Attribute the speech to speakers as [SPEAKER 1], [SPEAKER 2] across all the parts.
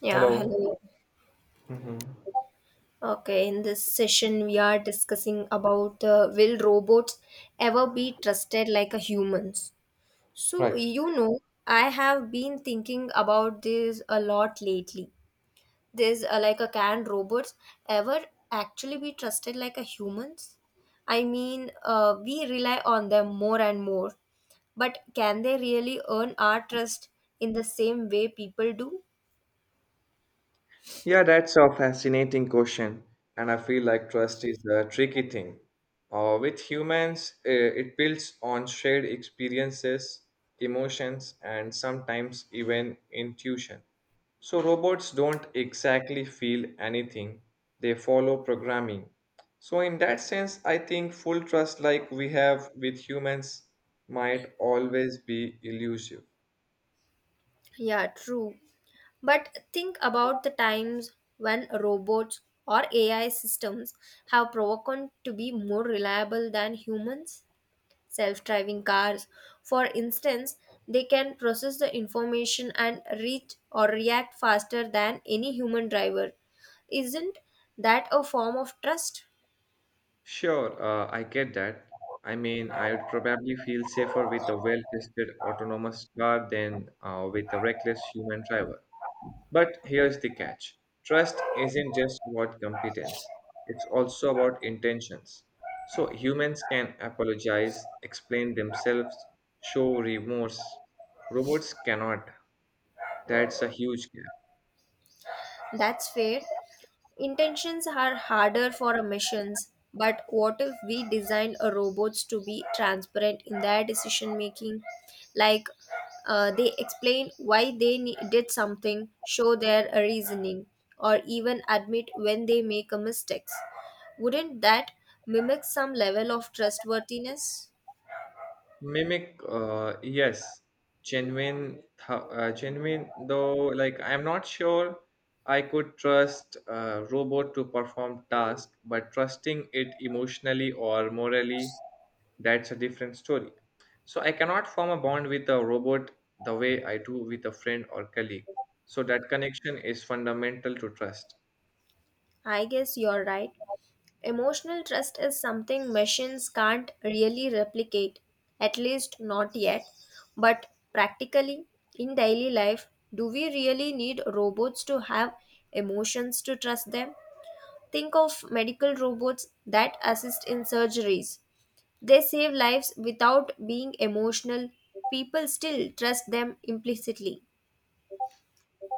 [SPEAKER 1] Yeah,
[SPEAKER 2] Hello.
[SPEAKER 1] hello.
[SPEAKER 2] Hmm.
[SPEAKER 1] Okay, in this session, we are discussing about will robots ever be trusted like a humans? So,
[SPEAKER 2] Right.
[SPEAKER 1] you know, I have been thinking about this a lot lately. This like a can robots ever actually be trusted like a humans? I mean, we rely on them more and more, but can they really earn our trust in the same way people do?
[SPEAKER 2] Yeah, that's a fascinating question, and I feel like trust is a tricky thing. With humans, it builds on shared experiences, emotions, and sometimes even intuition. So robots don't exactly feel anything, they follow programming. So, in that sense, I think full trust like we have with humans might always be elusive.
[SPEAKER 1] Yeah, true. But think about the times when robots or AI systems have proven to be more reliable than humans. Self driving cars, for instance, they can process the information and reach or react faster than any human driver. Isn't that a form of trust?
[SPEAKER 2] Sure, I get that. I mean, I would probably feel safer with a well-tested autonomous car than with a reckless human driver. But here's the catch. Trust isn't just about competence. It's also about intentions. So humans can apologize, explain themselves, show remorse. Robots cannot. That's a huge gap.
[SPEAKER 1] That's fair. Intentions are harder for missions, but what if we design a robots to be transparent in their decision making? Like they explain why they did something, show their reasoning, or even admit when they make a mistakes. Wouldn't that mimic some level of trustworthiness?
[SPEAKER 2] Mimic, yes, genuine. Though, like I'm not sure I could trust a robot to perform task, but trusting it emotionally or morally, that's a different story. So I cannot form a bond with a robot the way I do with a friend or colleague. So that connection is fundamental to trust.
[SPEAKER 1] I guess you're right. Emotional trust is something machines can't really replicate, at least not yet. But practically, in daily life, do we really need robots to have emotions to trust them? Think of medical robots that assist in surgeries. They save lives without being emotional. People still trust them implicitly.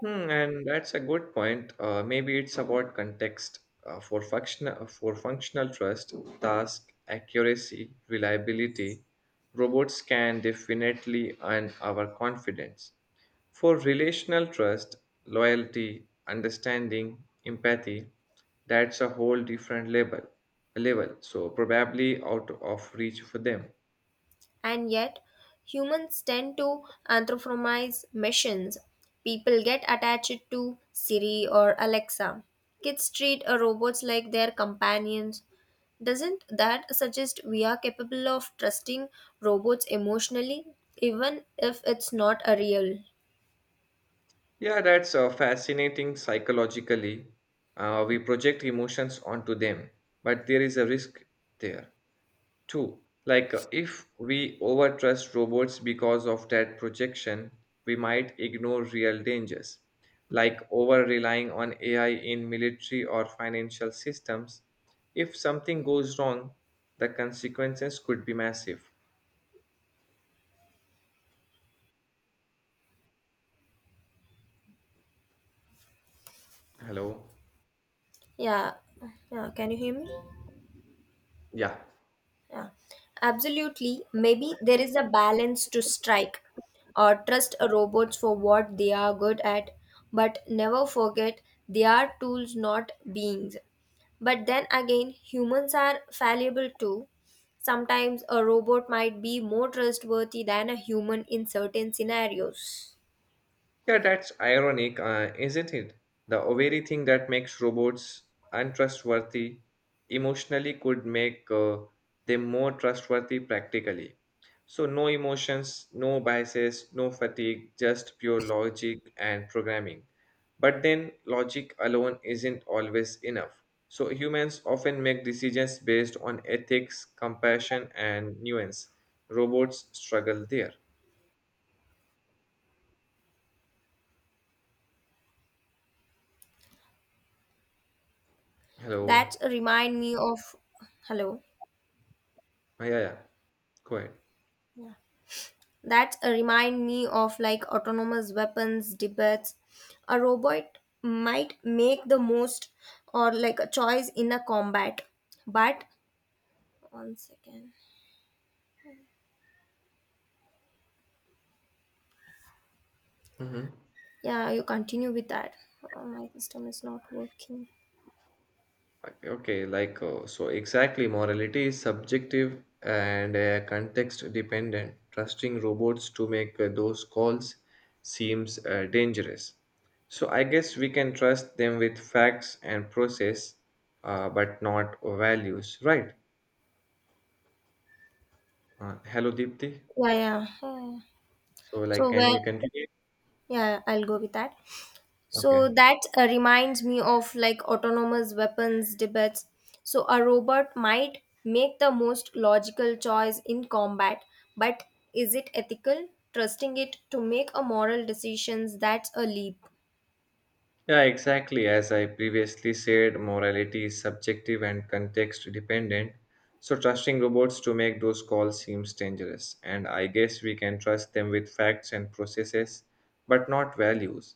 [SPEAKER 2] Hmm, and that's a good point. Maybe it's about context. For functional trust, task accuracy, reliability, robots can definitely earn our confidence. For relational trust, loyalty, understanding, empathy, that's a whole different level. So probably out of reach for them.
[SPEAKER 1] And yet, humans tend to anthropomorphize machines. People get attached to Siri or Alexa. Kids treat robots like their companions. Doesn't that suggest we are capable of trusting robots emotionally, even if it's not a real?
[SPEAKER 2] Yeah, that's fascinating psychologically. We project emotions onto them, but there is a risk there too. Like if we overtrust robots because of that projection, we might ignore real dangers, like over relying on AI in military or financial systems. If something goes wrong, the consequences could be massive. Hello?
[SPEAKER 1] Yeah, yeah. Can you hear me?
[SPEAKER 2] Yeah.
[SPEAKER 1] Yeah, absolutely. Maybe there is a balance to strike or trust a robots for what they are good at, but never forget they are tools, not beings. But then again, humans are fallible too. Sometimes a robot might be more trustworthy than a human in certain scenarios.
[SPEAKER 2] Yeah, that's ironic, isn't it? The very thing that makes robots untrustworthy emotionally could make them more trustworthy practically. So, no emotions, no biases, no fatigue, just pure logic and programming. But then, logic alone isn't always enough. So, humans often make decisions based on ethics, compassion, and nuance. Robots struggle there.
[SPEAKER 1] That
[SPEAKER 2] Hello.
[SPEAKER 1] remind me of hello.
[SPEAKER 2] Ah, yeah, yeah. Go ahead.
[SPEAKER 1] That remind me of like autonomous weapons debates. A robot might make the most or like a choice in a combat, but one second.
[SPEAKER 2] Mhm.
[SPEAKER 1] Yeah, you continue with that. Oh, my system is not working.
[SPEAKER 2] Okay, okay, like so exactly, morality is subjective and context dependent. Trusting robots to make those calls seems dangerous. So I guess we can trust them with facts and process, but not values, right? Hello, Deepthi.
[SPEAKER 1] Yeah, yeah. yeah.
[SPEAKER 2] So like,
[SPEAKER 1] So
[SPEAKER 2] can
[SPEAKER 1] where?
[SPEAKER 2] you continue?
[SPEAKER 1] Yeah, I'll go with that.
[SPEAKER 2] Okay.
[SPEAKER 1] So that reminds me of like autonomous weapons debates. So a robot might make the most logical choice in combat, but is it ethical? Trusting it to make a moral decisions that's a leap.
[SPEAKER 2] Yeah, exactly. As I previously said, morality is subjective and context dependent. So, trusting robots to make those calls seems dangerous. And I guess we can trust them with facts and processes, but not values.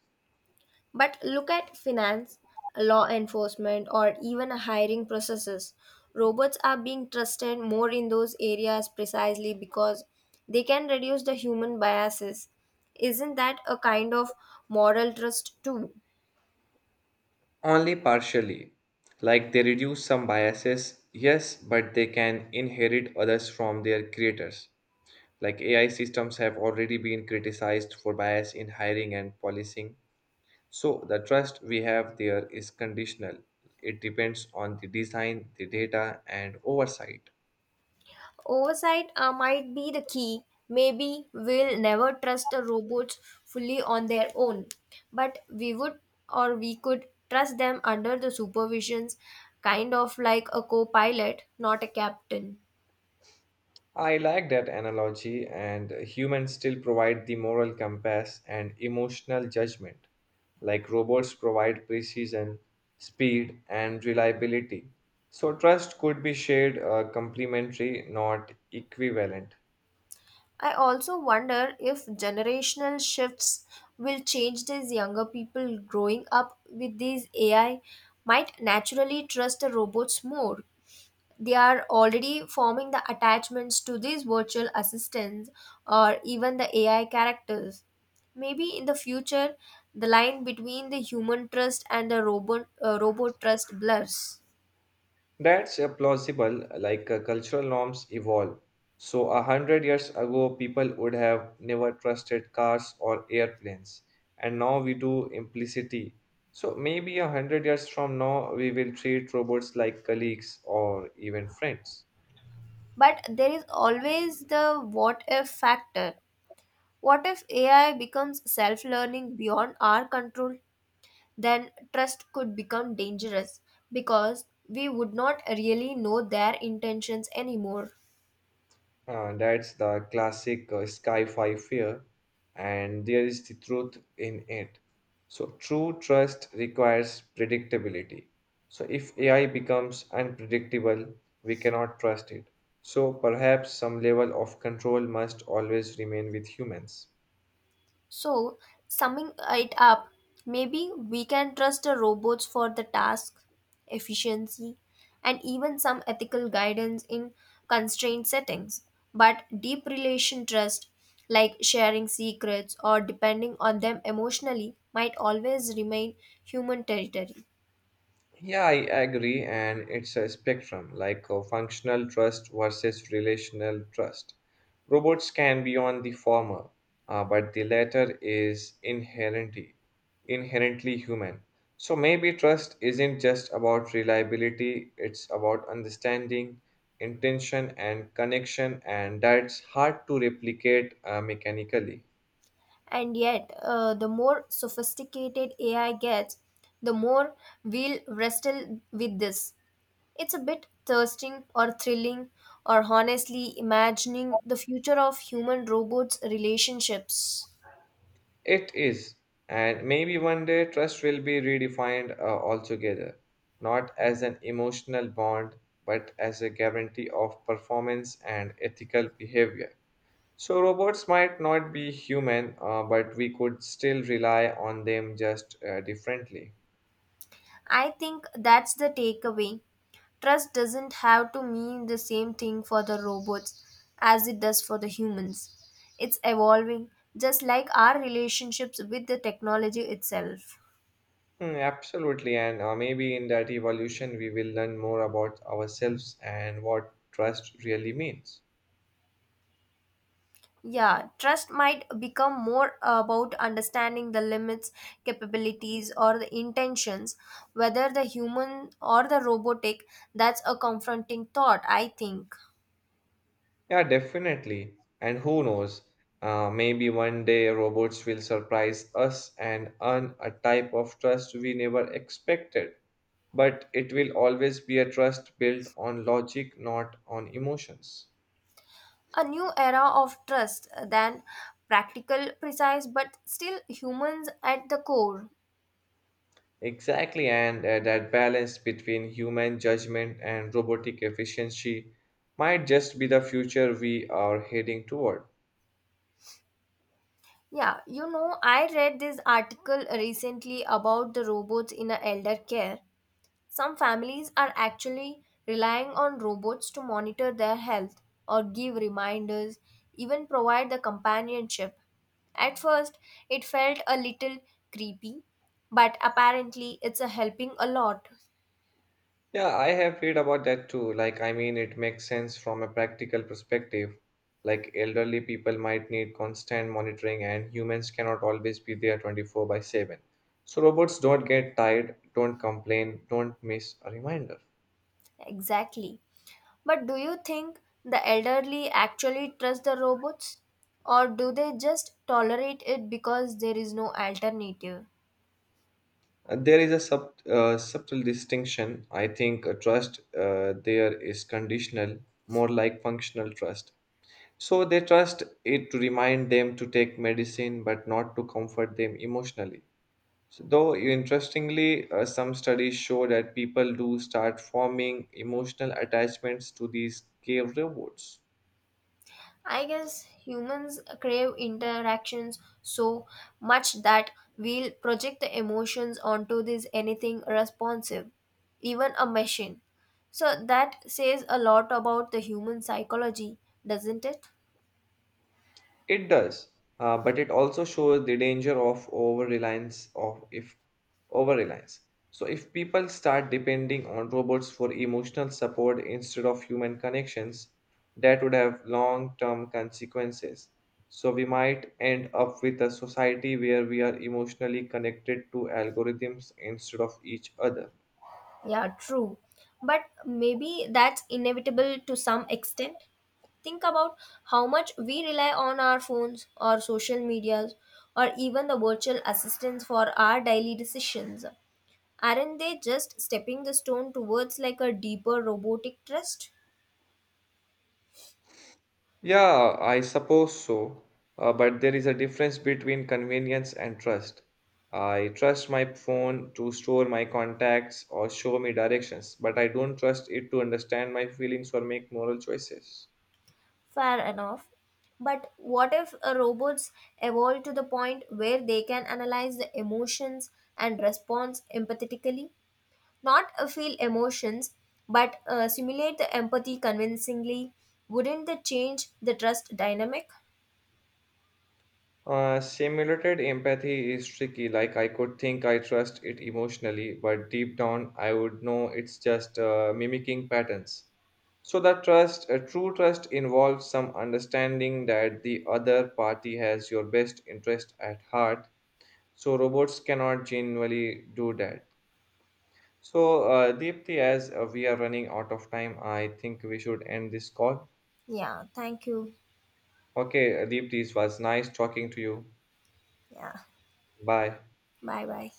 [SPEAKER 1] But look at finance, law enforcement, or even hiring processes. Robots are being trusted more in those areas precisely because they can reduce the human biases. Isn't that a kind of moral trust too?
[SPEAKER 2] Only partially. Like they reduce some biases, yes, but they can inherit others from their creators. Like AI systems have already been criticized for bias in hiring and policing. So the trust we have there is conditional. It depends on the design, the data, and oversight.
[SPEAKER 1] Oversight might be the key. Maybe we'll never trust the robots fully on their own, but we would or we could trust them under the supervisions, kind of like a co pilot, not a captain.
[SPEAKER 2] I like that analogy, and humans still provide the moral compass and emotional judgment, like robots provide precision, speed, and reliability. So, trust could be shared complementary, not equivalent.
[SPEAKER 1] I also wonder if generational shifts will change these younger people growing up with these AI might naturally trust the robots more they are already forming the attachments to these virtual assistants or even the AI characters. Maybe in the future, the line between the human trust and the robot trust blurs.
[SPEAKER 2] That's plausible, like cultural norms evolve. So, 100 years ago, people would have never trusted cars or airplanes, and now we do implicitly. So, maybe 100 years from now, we will treat robots like colleagues or even friends.
[SPEAKER 1] But there is always the what if factor. What if AI becomes self learning beyond our control? Then trust could become dangerous because we would not really know their intentions anymore.
[SPEAKER 2] That's the classic sci-fi fear, and there is the truth in it. So true trust requires predictability. So if AI becomes unpredictable, we cannot trust it. So perhaps some level of control must always remain with humans.
[SPEAKER 1] So, summing it up, maybe we can trust the robots for the task, efficiency, and even some ethical guidance in constrained settings. But deep relation trust, like sharing secrets or depending on them emotionally, might always remain human territory.
[SPEAKER 2] Yeah, I agree, and it's a spectrum like functional trust versus relational trust. Robots can be on the former, but the latter is inherently human. So maybe trust isn't just about reliability; it's about understanding, intention, and connection, and that's hard to replicate mechanically.
[SPEAKER 1] And yet, the more sophisticated AI gets, the more we'll wrestle with this. It's a bit thirsting or thrilling or honestly imagining the future of human robots relationships.
[SPEAKER 2] It is, and maybe one day trust will be redefined altogether, not as an emotional bond, but as a guarantee of performance and ethical behavior. So, robots might not be human, but we could still rely on them just differently.
[SPEAKER 1] I think that's the takeaway. Trust doesn't have to mean the same thing for the robots as it does for the humans. It's evolving just like our relationships with the technology itself.
[SPEAKER 2] Hmm, absolutely, and maybe in that evolution, we will learn more about ourselves and what trust really means.
[SPEAKER 1] Yeah, trust might become more about understanding the limits, capabilities, or the intentions, whether the human or the robotic. That's a confronting thought, I think.
[SPEAKER 2] Yeah, definitely. And who knows? Maybe one day robots will surprise us and earn a type of trust we never expected. But it will always be a trust built on logic, not on emotions.
[SPEAKER 1] A new era of trust, than practical, precise, but still humans at the core.
[SPEAKER 2] Exactly, and that balance between human judgment and robotic efficiency might just be the future we are heading toward.
[SPEAKER 1] Yeah, you know, I read this article recently about the robots in a elder care. Some families are actually relying on robots to monitor their health or give reminders, even provide the companionship. At first, it felt a little creepy, but apparently, it's a helping a lot.
[SPEAKER 2] Yeah, I have read about that too. Like, I mean, it makes sense from a practical perspective. Like, elderly people might need constant monitoring, and humans cannot always be there 24 by 7. So, robots don't get tired, don't complain, don't miss a reminder.
[SPEAKER 1] Exactly. But do you think the elderly actually trust the robots? Or do they just tolerate it because there is no alternative?
[SPEAKER 2] There is a subtle distinction. I think trust there is conditional, more like functional trust. So, they trust it to remind them to take medicine, but not to comfort them emotionally. So, though interestingly, some studies show that people do start forming emotional attachments to these cave robots.
[SPEAKER 1] I guess humans crave interactions so much that we'll project the emotions onto this anything responsive, even a machine. So that says a lot about the human psychology, doesn't it?
[SPEAKER 2] It does, but it also shows the danger of over reliance. So if people start depending on robots for emotional support instead of human connections, that would have long-term consequences. So we might end up with a society where we are emotionally connected to algorithms instead of each other.
[SPEAKER 1] Yeah, true. But maybe that's inevitable to some extent. Think about how much we rely on our phones or social medias or even the virtual assistants for our daily decisions. Aren't they just stepping the stone towards like a deeper robotic trust?
[SPEAKER 2] Yeah, I suppose so. But there is a difference between convenience and trust. I trust my phone to store my contacts or show me directions, but I don't trust it to understand my feelings or make moral choices.
[SPEAKER 1] Fair enough. But what if robots evolve to the point where they can analyze the emotions and response empathetically? Not feel emotions, but simulate the empathy convincingly. Wouldn't that change the trust dynamic?
[SPEAKER 2] Simulated empathy is tricky. Like, I could think I trust it emotionally, but deep down, I would know it's just mimicking patterns. So that trust, a true trust involves some understanding that the other party has your best interest at heart. So robots cannot genuinely do that. So Deepthi, as we are running out of time, I think we should end this call.
[SPEAKER 1] Yeah, thank you.
[SPEAKER 2] Okay, Deepthi, it was nice talking to you.
[SPEAKER 1] Yeah,
[SPEAKER 2] Bye.
[SPEAKER 1] bye bye.